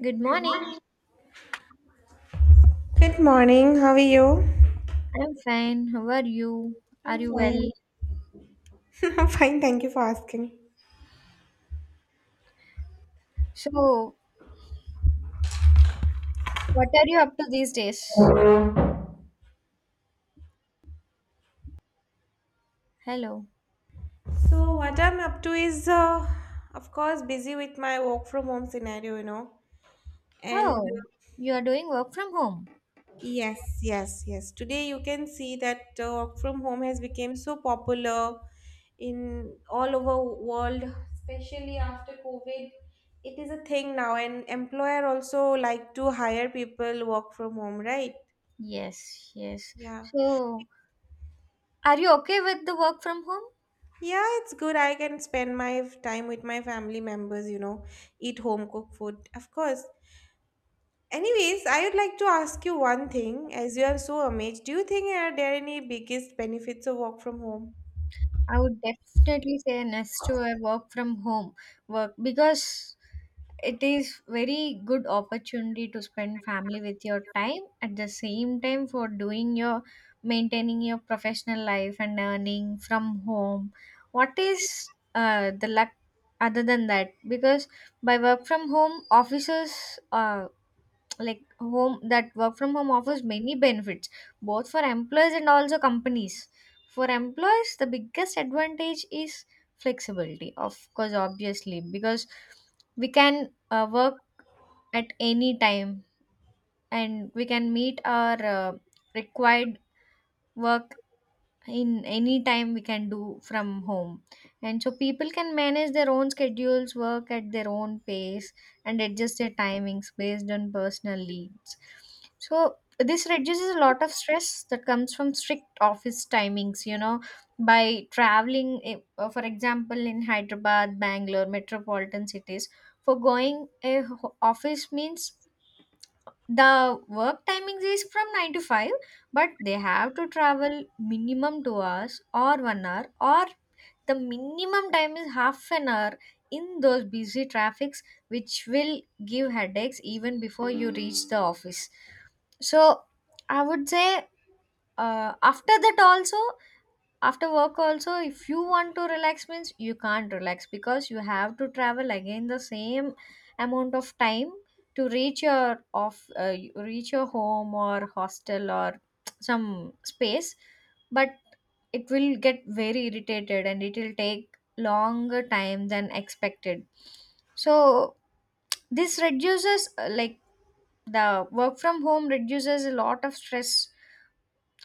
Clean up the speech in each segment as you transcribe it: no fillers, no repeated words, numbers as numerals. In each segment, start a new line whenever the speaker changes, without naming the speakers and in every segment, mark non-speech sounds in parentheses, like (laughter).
Good morning.
Good morning. How are you?
I'm fine. How are you? Are
I'm
you well?
fine. (laughs) I'm fine. Thank you for asking.
So, what are you up to these days? Hello.
So, what I'm up to is, of course, busy with my work from home scenario. And
Oh, you are doing work from home?
yes, yes, yes. Today you can see that work from home has become so popular in all over world, especially after COVID. It is a thing now, and employer also like to hire people work from home, right?
Yes, yes.
Yeah.
So, are you okay with the work from home?
Yeah, it's good. I can spend my time with my family members, eat home cooked food, of course. Anyways, I would like to ask you one thing. As you are so amazed, do you think are there any biggest benefits of work from home?
I would definitely say next to a work from home work because it is very good opportunity to spend family with your time at the same time for doing your maintaining your professional life and earning from home. What is the luck other than that? Because by work from home, offices like home, that work from home offers many benefits both for employers and also companies. For employers, the biggest advantage is flexibility, of course, obviously, because we can work at any time, and we can meet our required work in any time we can do from home. And so people can manage their own schedules, work at their own pace, and adjust their timings based on personal needs. So this reduces a lot of stress that comes from strict office timings, you know, by traveling for example, in Hyderabad, Bangalore metropolitan cities, for going a office means the work timings is from 9 to 5, but they have to travel minimum 2 hours or 1 hour, or the minimum time is half an hour, in those busy traffics, which will give headaches even before you reach the office. So I would say after that also, after work also, if you want to relax means you can't relax because you have to travel again the same amount of time to reach your off reach your home or hostel or (tsk) some space. But it will get very irritated and it will take longer time than expected. So this reduces, like, the work from home reduces a lot of stress.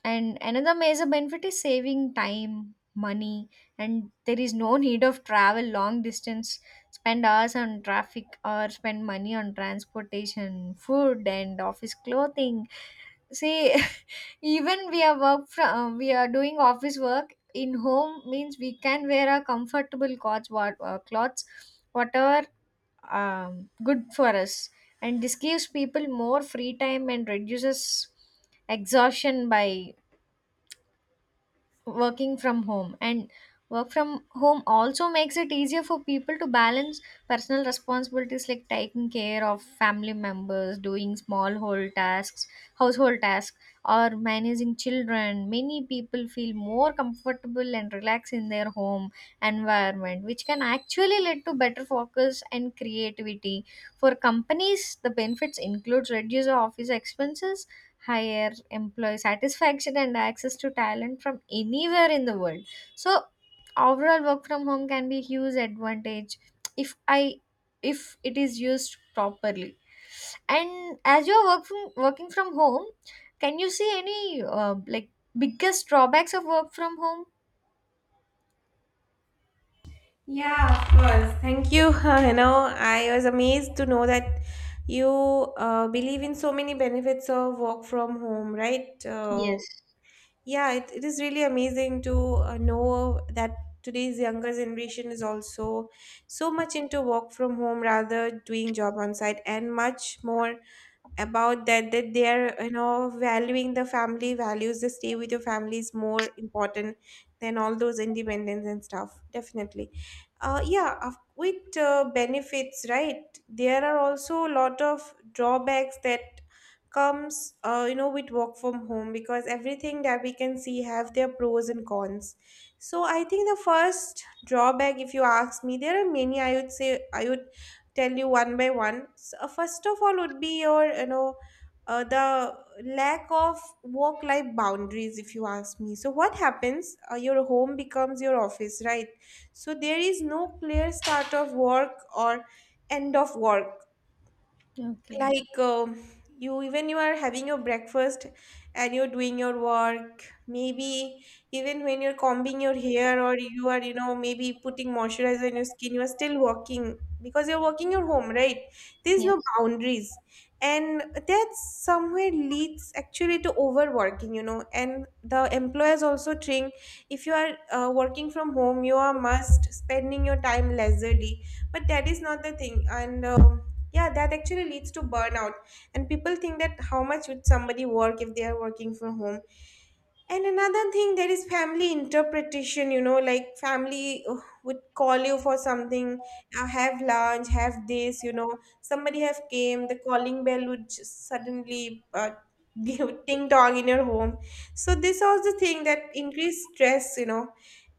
And another major benefit is saving time, money, and there is no (laughs) need of travel long distance, spend hours on traffic or spend money on transportation, food, and office clothing. See, (laughs) even we are work from we are doing office work in home means we can wear our comfortable clothes, whatever good for us, and this gives people more free time and reduces exhaustion by working from home. And work from home also makes it easier for people to balance personal responsibilities like taking care of family members, doing small whole tasks household tasks, or managing children. Many people feel more comfortable and relaxed in their home environment, which can actually lead to better focus and creativity. For companies, the benefits includes reduce office expenses, higher employee satisfaction, and access to talent from anywhere in the world. So overall, work from home can be huge advantage if i if it is used properly. And as you're working from home, can you see any like biggest drawbacks of work from home?
Yeah, of course. Thank you. (laughs) You know, I was amazed to know that you believe in so many benefits of work from home, right?
Yes.
Yeah, it is really amazing to know that today's younger generation is also so much into work from home rather doing job on site and much more about that that they are valuing the family values. The stay with your family is more important than all those independence and stuff, definitely. Yeah, with benefits, right? There are also a lot of drawbacks that comes with work from home, because everything that we can see have their pros and cons. So, I think the first drawback, if you ask me, there are many. I would say I would tell you one by one. So, first of all, would be your, the lack of work life boundaries, if you ask me. So, what happens? Your home becomes your office, right? So, there is no clear start of work or end of work,
Okay.
like, you, even you are having your breakfast and you're doing your work, maybe even when you're combing your hair, or you are maybe putting moisturizer on your skin, you are still working because you're working your home, right? There's
Yeah,
no boundaries, and that somewhere leads actually to overworking. And the employers also think if you are working from home you are must spending your time leisurely. But that is not the thing, and yeah, that actually leads to burnout. And people think that how much would somebody work if they are working from home. And another thing, there is family interpretation, like family would call you for something, have lunch, have this, somebody have came, the calling bell would just suddenly (laughs) give ting dong in your home. So this was the thing that increased stress,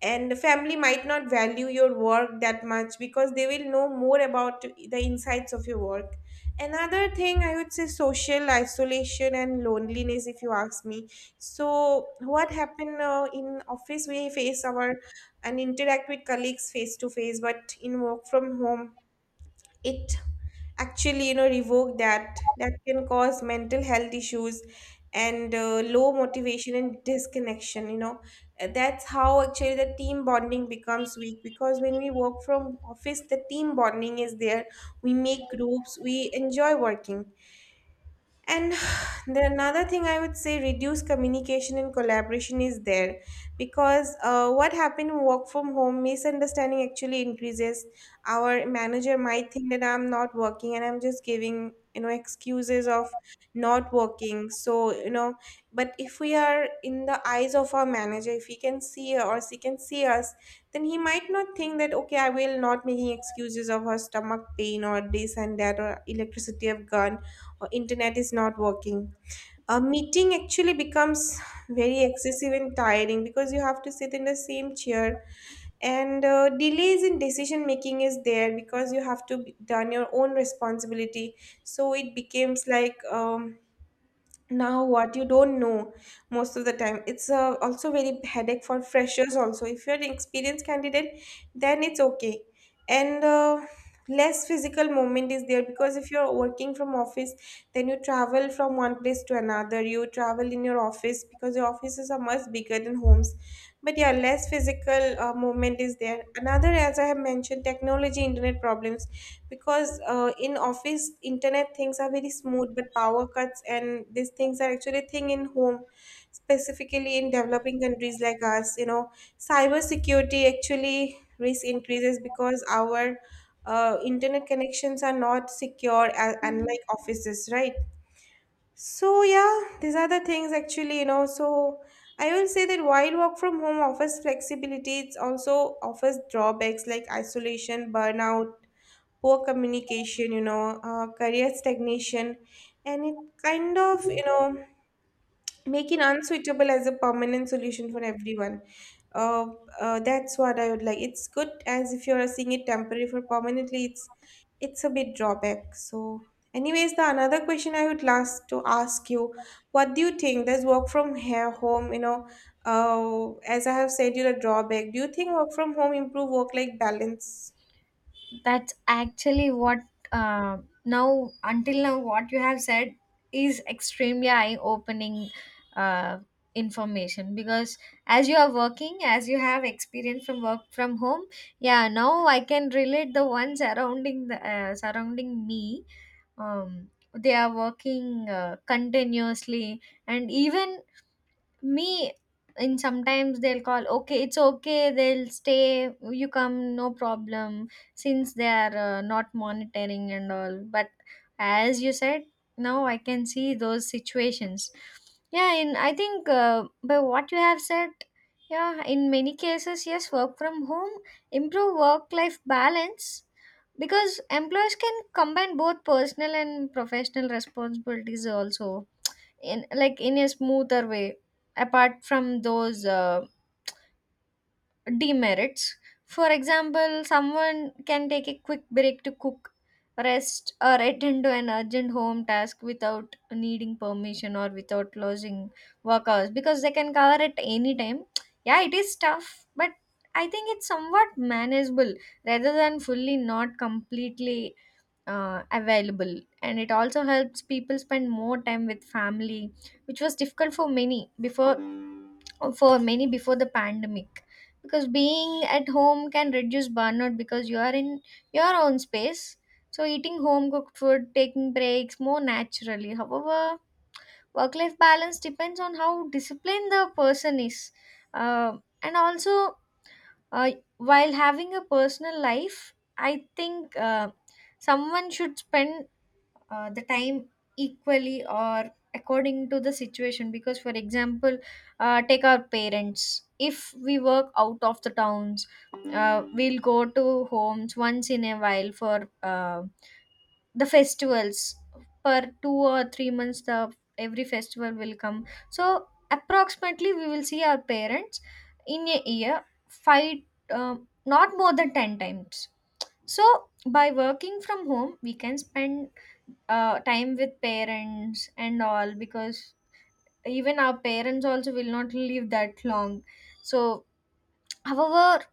and the family might not value your work that much because they will know more about the insights of your work. Another thing I would say, social isolation and loneliness, if you ask me. So what happened? In office we face our and interact with colleagues face to face, but in work from home it actually revoke that, that can cause mental health issues and low motivation and disconnection. That's how actually the team bonding becomes weak, because when we work from office the team bonding is there. We make groups, we enjoy working. And (sighs) the another thing I would say, reduce communication and collaboration is there, because what happened in work from home, misunderstanding actually increases. Our manager might think that I'm not working and I'm just giving excuses of not working. So, but if we are in the eyes of our manager, if he can see or she can see us, then he might not think that okay, I will not making excuses of her stomach pain or this and that or electricity of gun or internet is not working. A meeting actually becomes very excessive and tiring because you have to sit in the same chair, and delays in decision making is there because you have to done your own responsibility. So it becomes like, now what you don't know, most of the time. It's also very headache for freshers also. If you're an experienced candidate then it's okay. And less physical movement is there because if you're working from office then you travel from one place to another. You travel in your office because your offices are much bigger than homes. But yeah, less physical movement is there. Another, as I have mentioned, technology internet problems, because in office internet things are very smooth, but power cuts and these things are actually a thing in home, specifically in developing countries like us. Cyber security actually risk increases because our internet connections are not secure, unlike offices, right? So yeah, these are the things actually, so I will say that while work from home offers flexibility, it also offers drawbacks like isolation, burnout, poor communication, career stagnation, and it kind of make it unsuitable as a permanent solution for everyone. uh, that's what I would like. It's good as if you're seeing it temporary. For permanently, it's a bit drawback. So anyways, the another question I would last to ask you, what do you think, does work from here home, as I have said you, the drawback, do you think work from home improve work life balance?
that's actually what, uh, now, until now, what you have said is extremely eye-opening uh, information. Because as you are working, as you have experience from work from home, yeah, now I can relate. The ones surrounding the surrounding me, they are working continuously, and even me. And sometimes they'll call, okay, it's okay, they'll stay, you come, no problem, since they are not monitoring and all. But as you said, now I can see those situations. Yeah, and I think, by what you have said, yeah, in many cases, yes, work from home improve work life balance, because employers can combine both personal and professional responsibilities also in, like, in a smoother way, apart from those demerits. For example, someone can take a quick break to cook, rest, or attend to an urgent home task without needing permission or without losing work hours, because they can cover at any time. Yeah, it is tough, but I think it's somewhat manageable rather than fully, not completely available. And it also helps people spend more time with family, which was difficult for many before, the pandemic, because being at home can reduce burnout because you are in your own space. So eating home cooked food, taking breaks more naturally. However, work life balance depends on how disciplined the person is, uh, and also, uh, while having a personal life, I think someone should spend the time equally, or according to the situation. Because for example, take our parents, if we work out of the towns, we'll go to homes once in a while for the festivals. Per 2 or 3 months, the every festival will come. So approximately we will see our parents in a year five, um, not more than 10 times. So by working from home, we can spend time with parents and all, because even our parents also will not live that long. So however,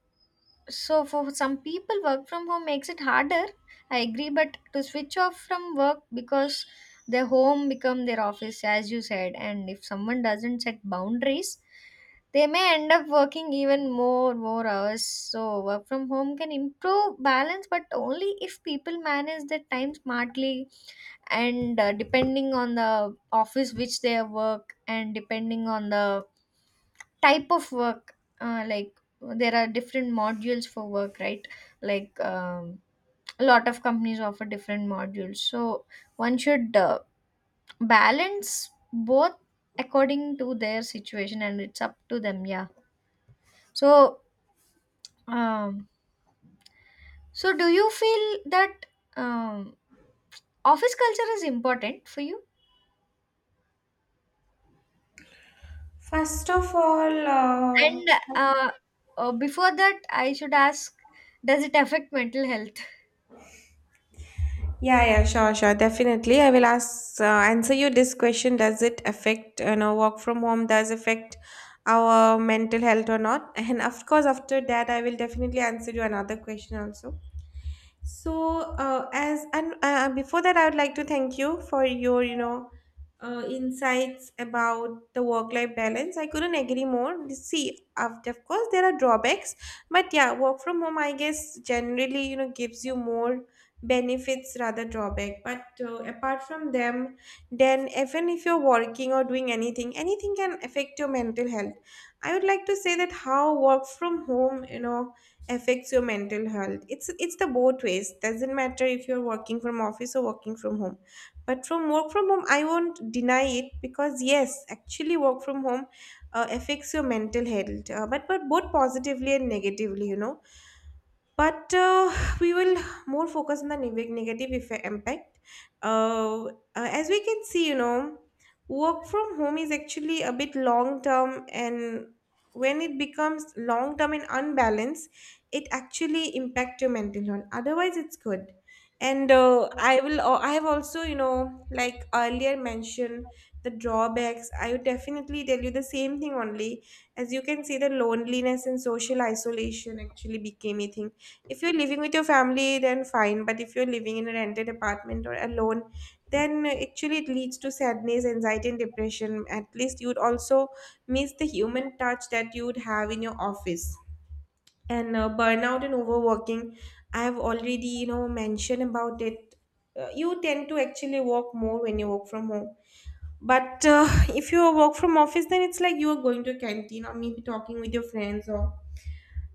so for some people, work from home makes it harder, I agree, but to switch off from work, because their home become their office, as you said, and if someone doesn't set boundaries, they may end up working even more hours. So work from home can improve balance, but only if people manage their time smartly, and depending on the office which they work, and depending on the type of work, like, there are different modules for work, right? Like, a lot of companies offer different modules, so one should balance both according to their situation, and it's up to them. Yeah. So, um, so do you feel that, um, office culture is important for you,
First of all,
and, uh, before that I should ask, does it affect mental health?
yeah, yeah, sure, sure, definitely. I will ask answer you this question. Does it affect, work from home? Does affect our mental health or not? (laughs) And of course, after that, I will definitely answer you another question also. So, as and before that, I would like to thank you for your, insights about the work-life balance. I couldn't agree more. See, of course, there are drawbacks, but yeah, work from home, I guess, generally, gives you more benefits rather drawback. But apart from them, then even if you're working or doing anything, anything can affect your mental health. I would like to say that how work from home, affects your mental health, it's the both ways. Doesn't matter if you're working from office or working from home, but from work from home I won't deny it because yes, actually work from home affects your mental health, but both positively and negatively, but we will more focus on the negative effect, impact, as we can see. Work from home is actually a bit long term, and when it becomes long term and unbalanced, it actually impact your mental health. Otherwise it's good. And I will, I have also, like earlier mentioned the drawbacks. I would definitely tell you the same thing only. As you can see, the loneliness and social isolation actually became a thing. If you're living with your family then fine, but if you're living in a rented apartment or alone, then actually it leads to sadness, anxiety and depression. At least you'd also miss the human touch that you'd have in your office. And burnout and overworking, I have already, mentioned about it. You tend to actually work more when you work from home. But (laughs) if you work from office then it's like you are going to a canteen or maybe talking with your friends, or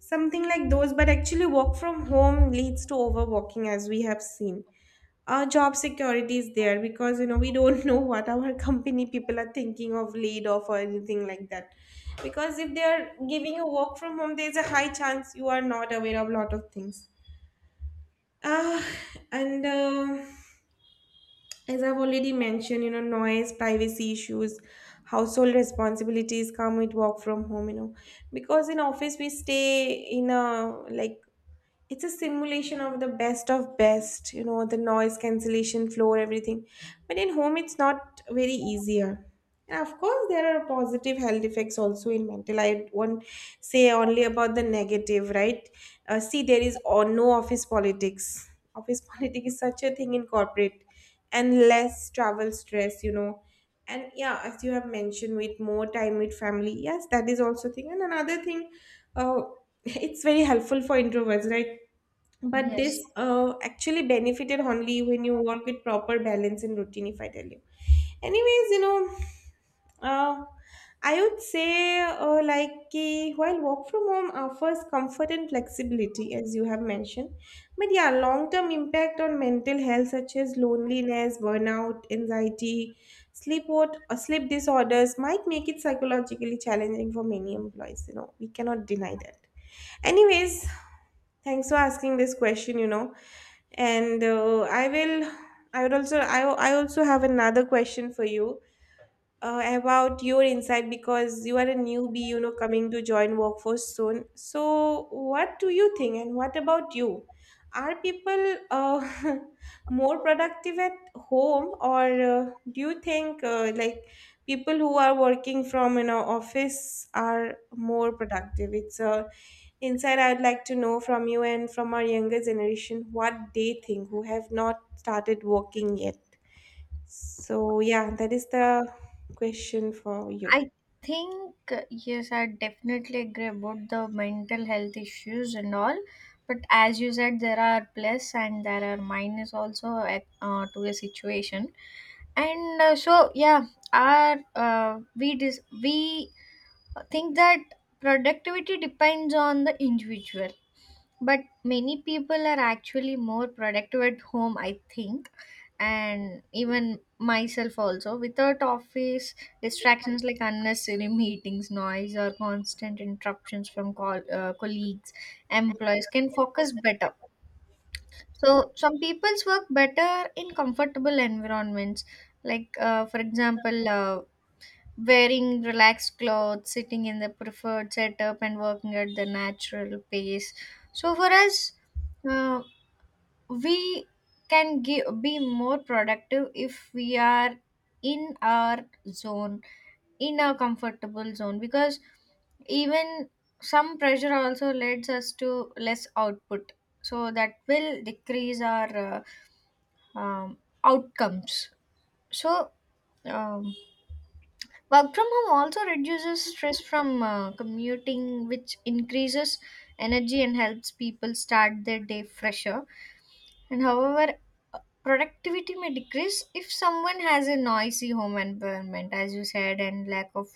something like those, but actually, work from home leads to overworking, as we have seen. Our job security is there because we don't (laughs) know what our company people are thinking of laid off or anything like that. Because if they are giving you work from home, there's a high chance you are not aware of a lot of things. Ah, and as I've already mentioned, noise, privacy issues, household responsibilities come with work from home. You know, because in office we stay in a like it's a simulation of the best of best, you know, the noise cancellation floor, everything. But in home it's not very easier, and of course there are positive health effects also in mental. I won't say only about the negative, right? See, there is or no office politics. Office (laughs) politics is such a thing in corporate. And less travel stress, you know. And yeah, as you have mentioned, with more time with family, yes, that is also thing. And another thing, uh, it's very helpful for introverts, right? But this
Yes.
uh, actually benefited only when you work with proper balance and routine, if I tell you. Anyways, you know, uh, I would say, like ki, while work from home offers comfort and flexibility as you have mentioned, but yeah, long term impact on mental health such as loneliness, burnout, anxiety, sleep disorders might make it psychologically challenging for many employees. You know, we cannot deny that. Anyways, thanks for asking this question, you know. And I will I would also I also have another question for you, about your insight, because you are a newbie, you know, coming to join workforce soon. So what do you think, and what about you? Are people, (laughs) more productive at home, or do you think, like, people who are working from, you know, office are more productive? It's a Inside, I'd like to know from you and from our younger generation what they think, who have not started working yet. So, yeah, that is the question for you.
I think, yes, I definitely agree about the mental health issues and all. But as you said, there are plus and there are minus also at, to a situation. And so yeah, we think that productivity depends on the individual, but many people are actually more productive at home, I think. And even myself also, without office distractions like unnecessary (laughs) meetings, noise, or constant interruptions from colleagues, employees can focus better. So some people's work better in comfortable environments, like, for example, wearing relaxed clothes, sitting in the preferred setup, and working at the natural pace. So for us, uh, we can give, be more productive if we are in our zone, in our comfortable zone, because even some pressure also leads us to less output. So that will decrease our, uh, um, outcomes. So, um, work from home also reduces stress from commuting, which increases energy and helps people start their day fresher. And however, productivity may decrease if someone has a noisy home environment, as you said, and lack of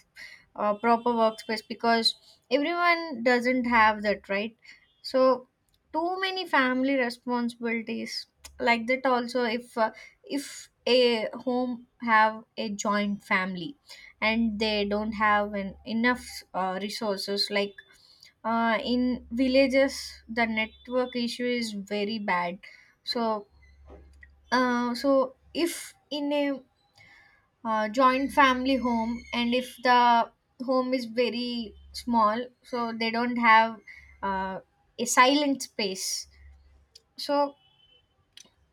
proper workspace, because everyone doesn't have that, right? So too many family responsibilities, like that also, if, if a home have a joint family and they don't have an, enough resources, like, in villages the network issue is very bad. So, so if in a, joint family home, and if the home is very small, so they don't have uh, a silent space. So,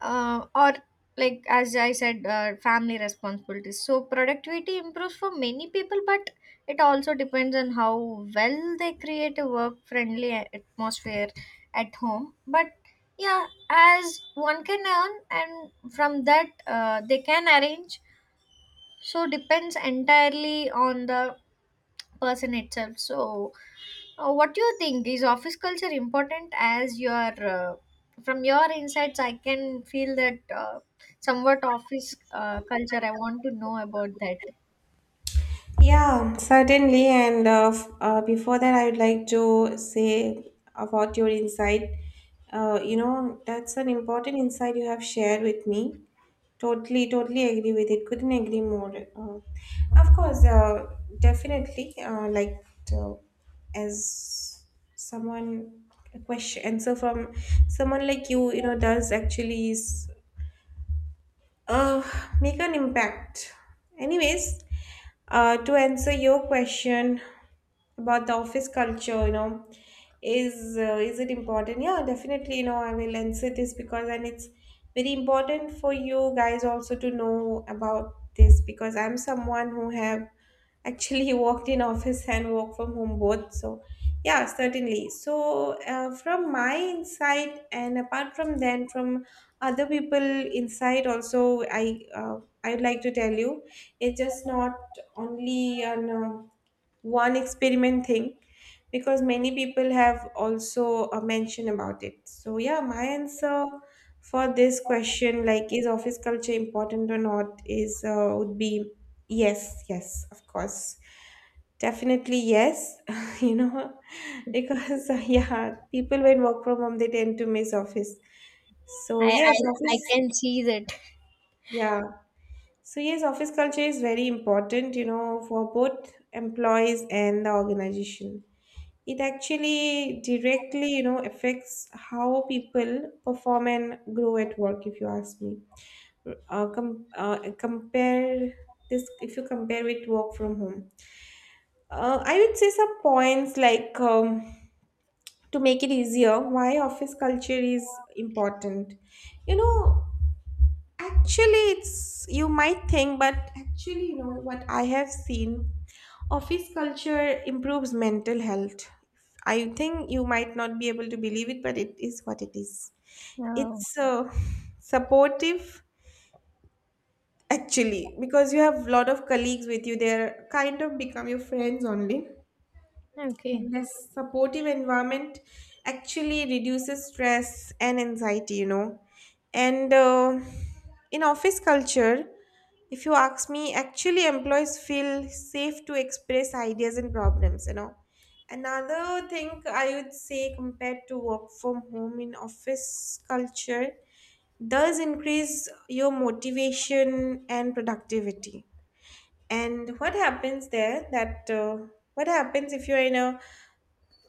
or like as I said, family responsibilities. So productivity improves for many people, but it also depends on how well they create a work friendly atmosphere at home. But yeah, as one can earn, and from that they can arrange. So depends entirely on the person itself. So what do you think, is office culture important? As your, uh, from your insights I can feel that, somewhat office culture, I want to know about that.
Yeah, certainly. And before that, I would like to say about your insight. You know, that's an important insight you have shared with me. Totally, totally agree with it. Couldn't agree more. Of course, definitely. Uh, as someone, a question answer from someone like you know, does actually is, uh, make an impact. Anyways, to answer your question about the office culture, you know, is it important? Yeah, definitely. You know, I will answer this, because and it's very important for you guys also to know about this, because I'm someone who have actually (laughs) worked in office and work from home both. So yeah, certainly. So from my insight and apart from then from other people inside also, I, uh, I'd like to tell you, it's just not only an one experiment thing, because many people have also mentioned about it. So yeah, my answer for this question, like is office culture important or not, is, would be yes, yes, of course, definitely yes, (laughs) you know. Because yeah, people when work from home, they tend to miss office. So
I I,
yes,
I
office,
can see that.
yeah. So yes, office culture is very important, you know, for both employees and the organization. It actually directly, you know, affects how people perform and grow at work, if you ask me. Compare this, if you compare with work from home, I would say some points like, to make it easier why office culture is important, you know. Actually, it's, you might think, but actually, you know what I have seen, office culture improves mental health. I think you might not be able to believe it, but it is what it is.
Oh,
It's supportive, actually, because you have a lot of colleagues with you. They're kind of become your friends only.
okay.
And this supportive environment actually reduces stress and anxiety, you know. And in office culture, if you ask me, actually employees feel safe to express ideas and problems, you know. Another thing I would say, compared to work from home, in office culture, does increase your motivation and productivity. And what happens there, that what happens if you're in a,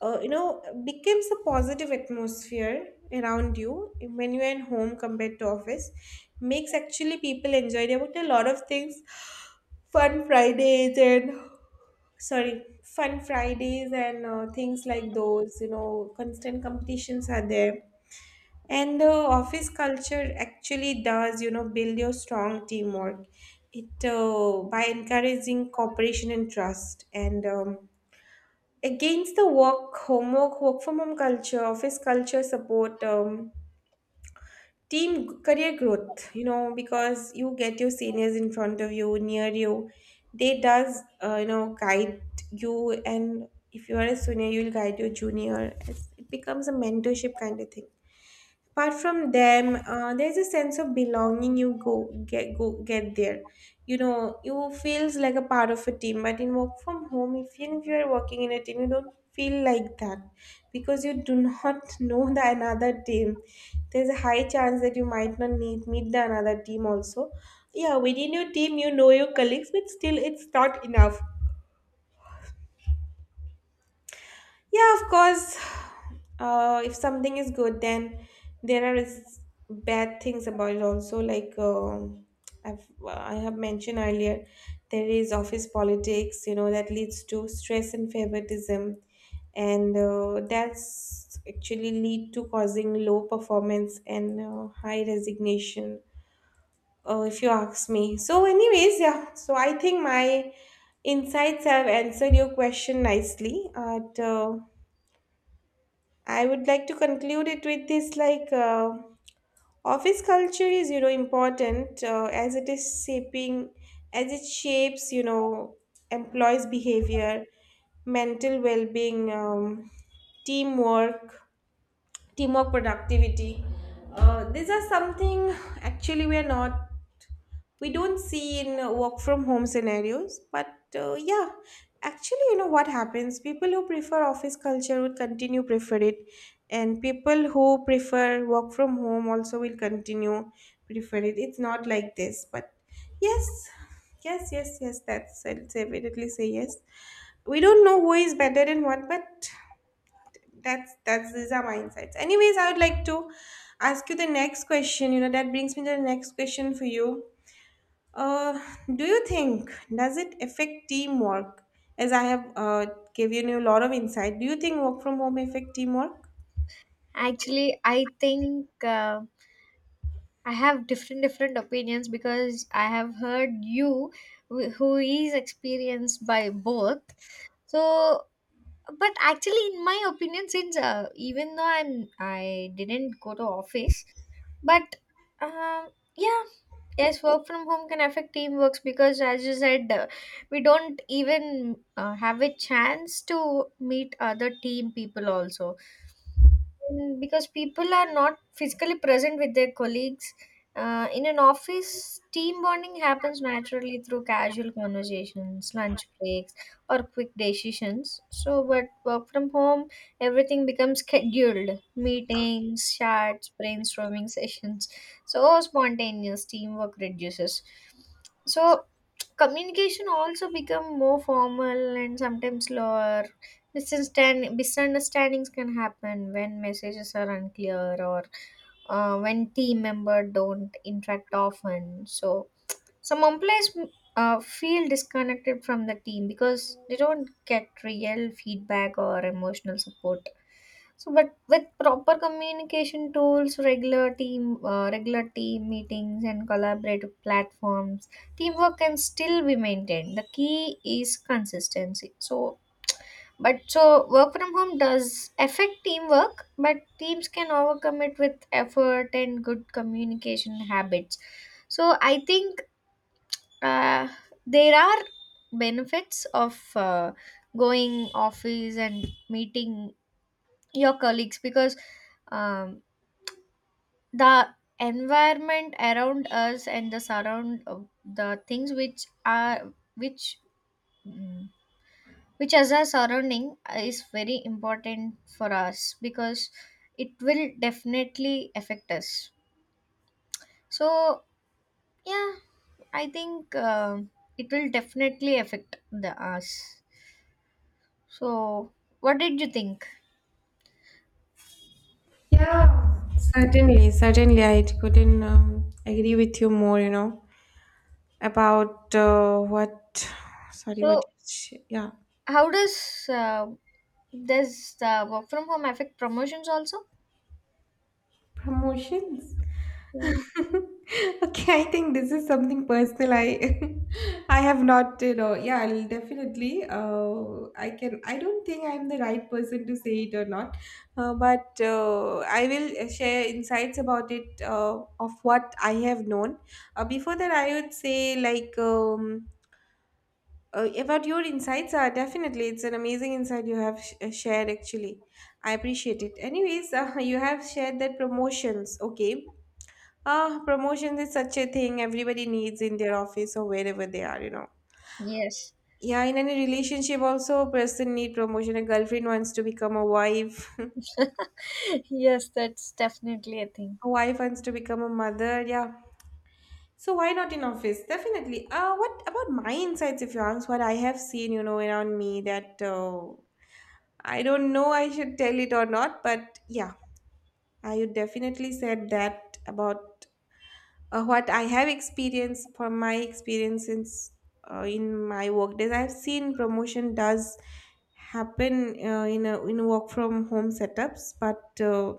you know, becomes a positive atmosphere around you, when you are in home compared to office, makes actually people enjoy. There were a lot of things, fun fridays and, sorry, fun fridays, and things like those, you know, constant competitions are there. And the office culture actually does, you know, build your strong teamwork. It by encouraging cooperation and trust. And against the work homework, work from home culture, office culture support, career growth, you know, because you get your seniors in front of you, near you. They does, you know, guide you. And if you are a senior, you'll guide your junior. It becomes a mentorship kind of thing. Apart from them, there's a sense of belonging you go get there. You know, you feels like a part of a team. But in work from home, if you are working in a team, you don't feel like that, because you do not (laughs) know the another team. There's a high chance that you might not need meet the another team also. Yeah, within your team, you know your colleagues, but still, it's not enough. Yeah, of course. If something is good, then there are bad things about it also. Like, I've, well, I have mentioned earlier, there is office politics. You know that leads to stress and favoritism, and that's actually lead to causing low performance and high resignation. If you ask me. So, anyways, yeah. So I think my insights have answered your question nicely. But I would like to conclude it with this, like, office culture is, you know, important, as it is shaping, as it shapes, you know, employees behavior, mental well-being, teamwork teamwork productivity. These are something actually we are not, we don't see in work from home scenarios. But yeah, actually, you know what happens, people who prefer office culture would continue prefer it, and people who prefer work from home also will continue prefer it. It's not like this. But yes, yes, yes, yes, that's, I'll say, definitely say yes. We don't know who is better and what, but that's these are my insights. Anyways, I would like to ask you the next question, you know, that brings me to the next question for you. uh, do you think, does it affect teamwork? As I have given you a lot of insight, do you think work from home affect teamwork?
Actually, I think, I have different different opinions, because I have heard you, who is experienced by both. So, but actually in my opinion, since, even though I didn't go to office, but, um yeah, yes, work from home can affect teamworks, because as you said, we don't even have a chance to meet other team people also. Mm, because people are not physically present with their colleagues, in an office. Team bonding happens naturally through casual conversations, lunch breaks, or quick decisions. So, but work from home, everything becomes scheduled meetings, chats, brainstorming (laughs) sessions. So spontaneous teamwork reduces. So communication also become more formal and sometimes slower. Misunderstandings can happen when messages are unclear, or when team member don't interact often. So some employees feel disconnected from the team, because they don't get real feedback or emotional support. So, but with proper communication tools, regular team meetings, and collaborative platforms, teamwork can still be maintained. The key is consistency. So, but so work from home does affect teamwork, but teams can overcome it with effort and good communication habits. So I think, uh, there are benefits of, going office and meeting your colleagues, because, um, the environment around us, and the surround the things which are, which, mm, which as our surrounding, is very important for us, because it will definitely affect us. So yeah, I think, it will definitely affect the us. So what did you think?
Yeah, certainly, certainly, I couldn't agree with you more. You know about what? Sorry, what?
So
Yeah,
how does, uh, does the work from home affect promotions also?
promotions.
Mm,
(laughs) Okay, I think this is something personal. I (laughs) I have not, you know, yeah, I'll definitely. I can. I don't think I'm the right person to say it or not, but I will share insights about it of what I have known. Before that, I would say like. About your insights are definitely, it's an amazing insight you have shared, actually. I appreciate it. Anyways, (laughs) you have shared that promotions, okay. Ah, promotions is such a thing everybody needs in their office or wherever they are, you know.
yes.
Yeah, in any relationship also a person need promotion. A girlfriend wants to become a wife. (laughs)
(laughs) Yes, that's definitely a thing.
A wife wants to become a mother. Yeah. So why not in office? Definitely. What about my insights, if you ask what I have seen, you know, around me, that I don't know I should tell it or not, but yeah, I would definitely said that, about what I have experienced, from my experiences, in my work days, I've seen promotion does happen in work from home setups, but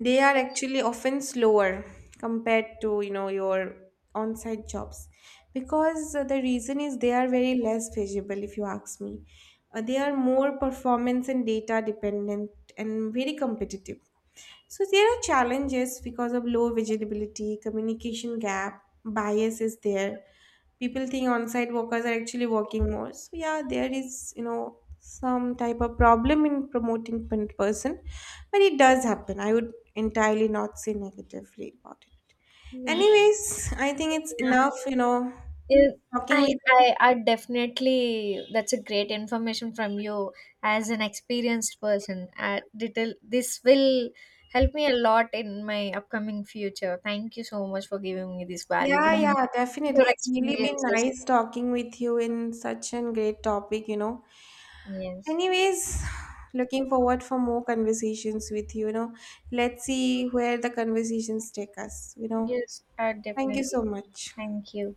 they are actually often slower compared to, you know, your on-site jobs, because the reason is they are very less visible, if you ask me. They are more performance and data dependent, and very competitive. So there are challenges because of low visibility, communication gap, bias is there. People think on-site workers are actually working more. So yeah, there is, you know, some type of problem in promoting person, but it does happen. I would entirely not say negatively about it.
Yeah,
Anyways, I think it's
yeah.
enough. You know,
Yeah,
talking with you.
I definitely, that's a great information from you as an experienced person. Little, this will help me a lot in my upcoming future. Thank you so much for giving me this valuable
Yeah, yeah, definitely.
your
It's really been
experiences.
nice talking with you in such a great topic, you know.
Yes,
Anyways, looking forward for more conversations with you, you know. Let's see where the conversations take us, you know.
yes,
Thank you
definitely.
so much.
Thank you.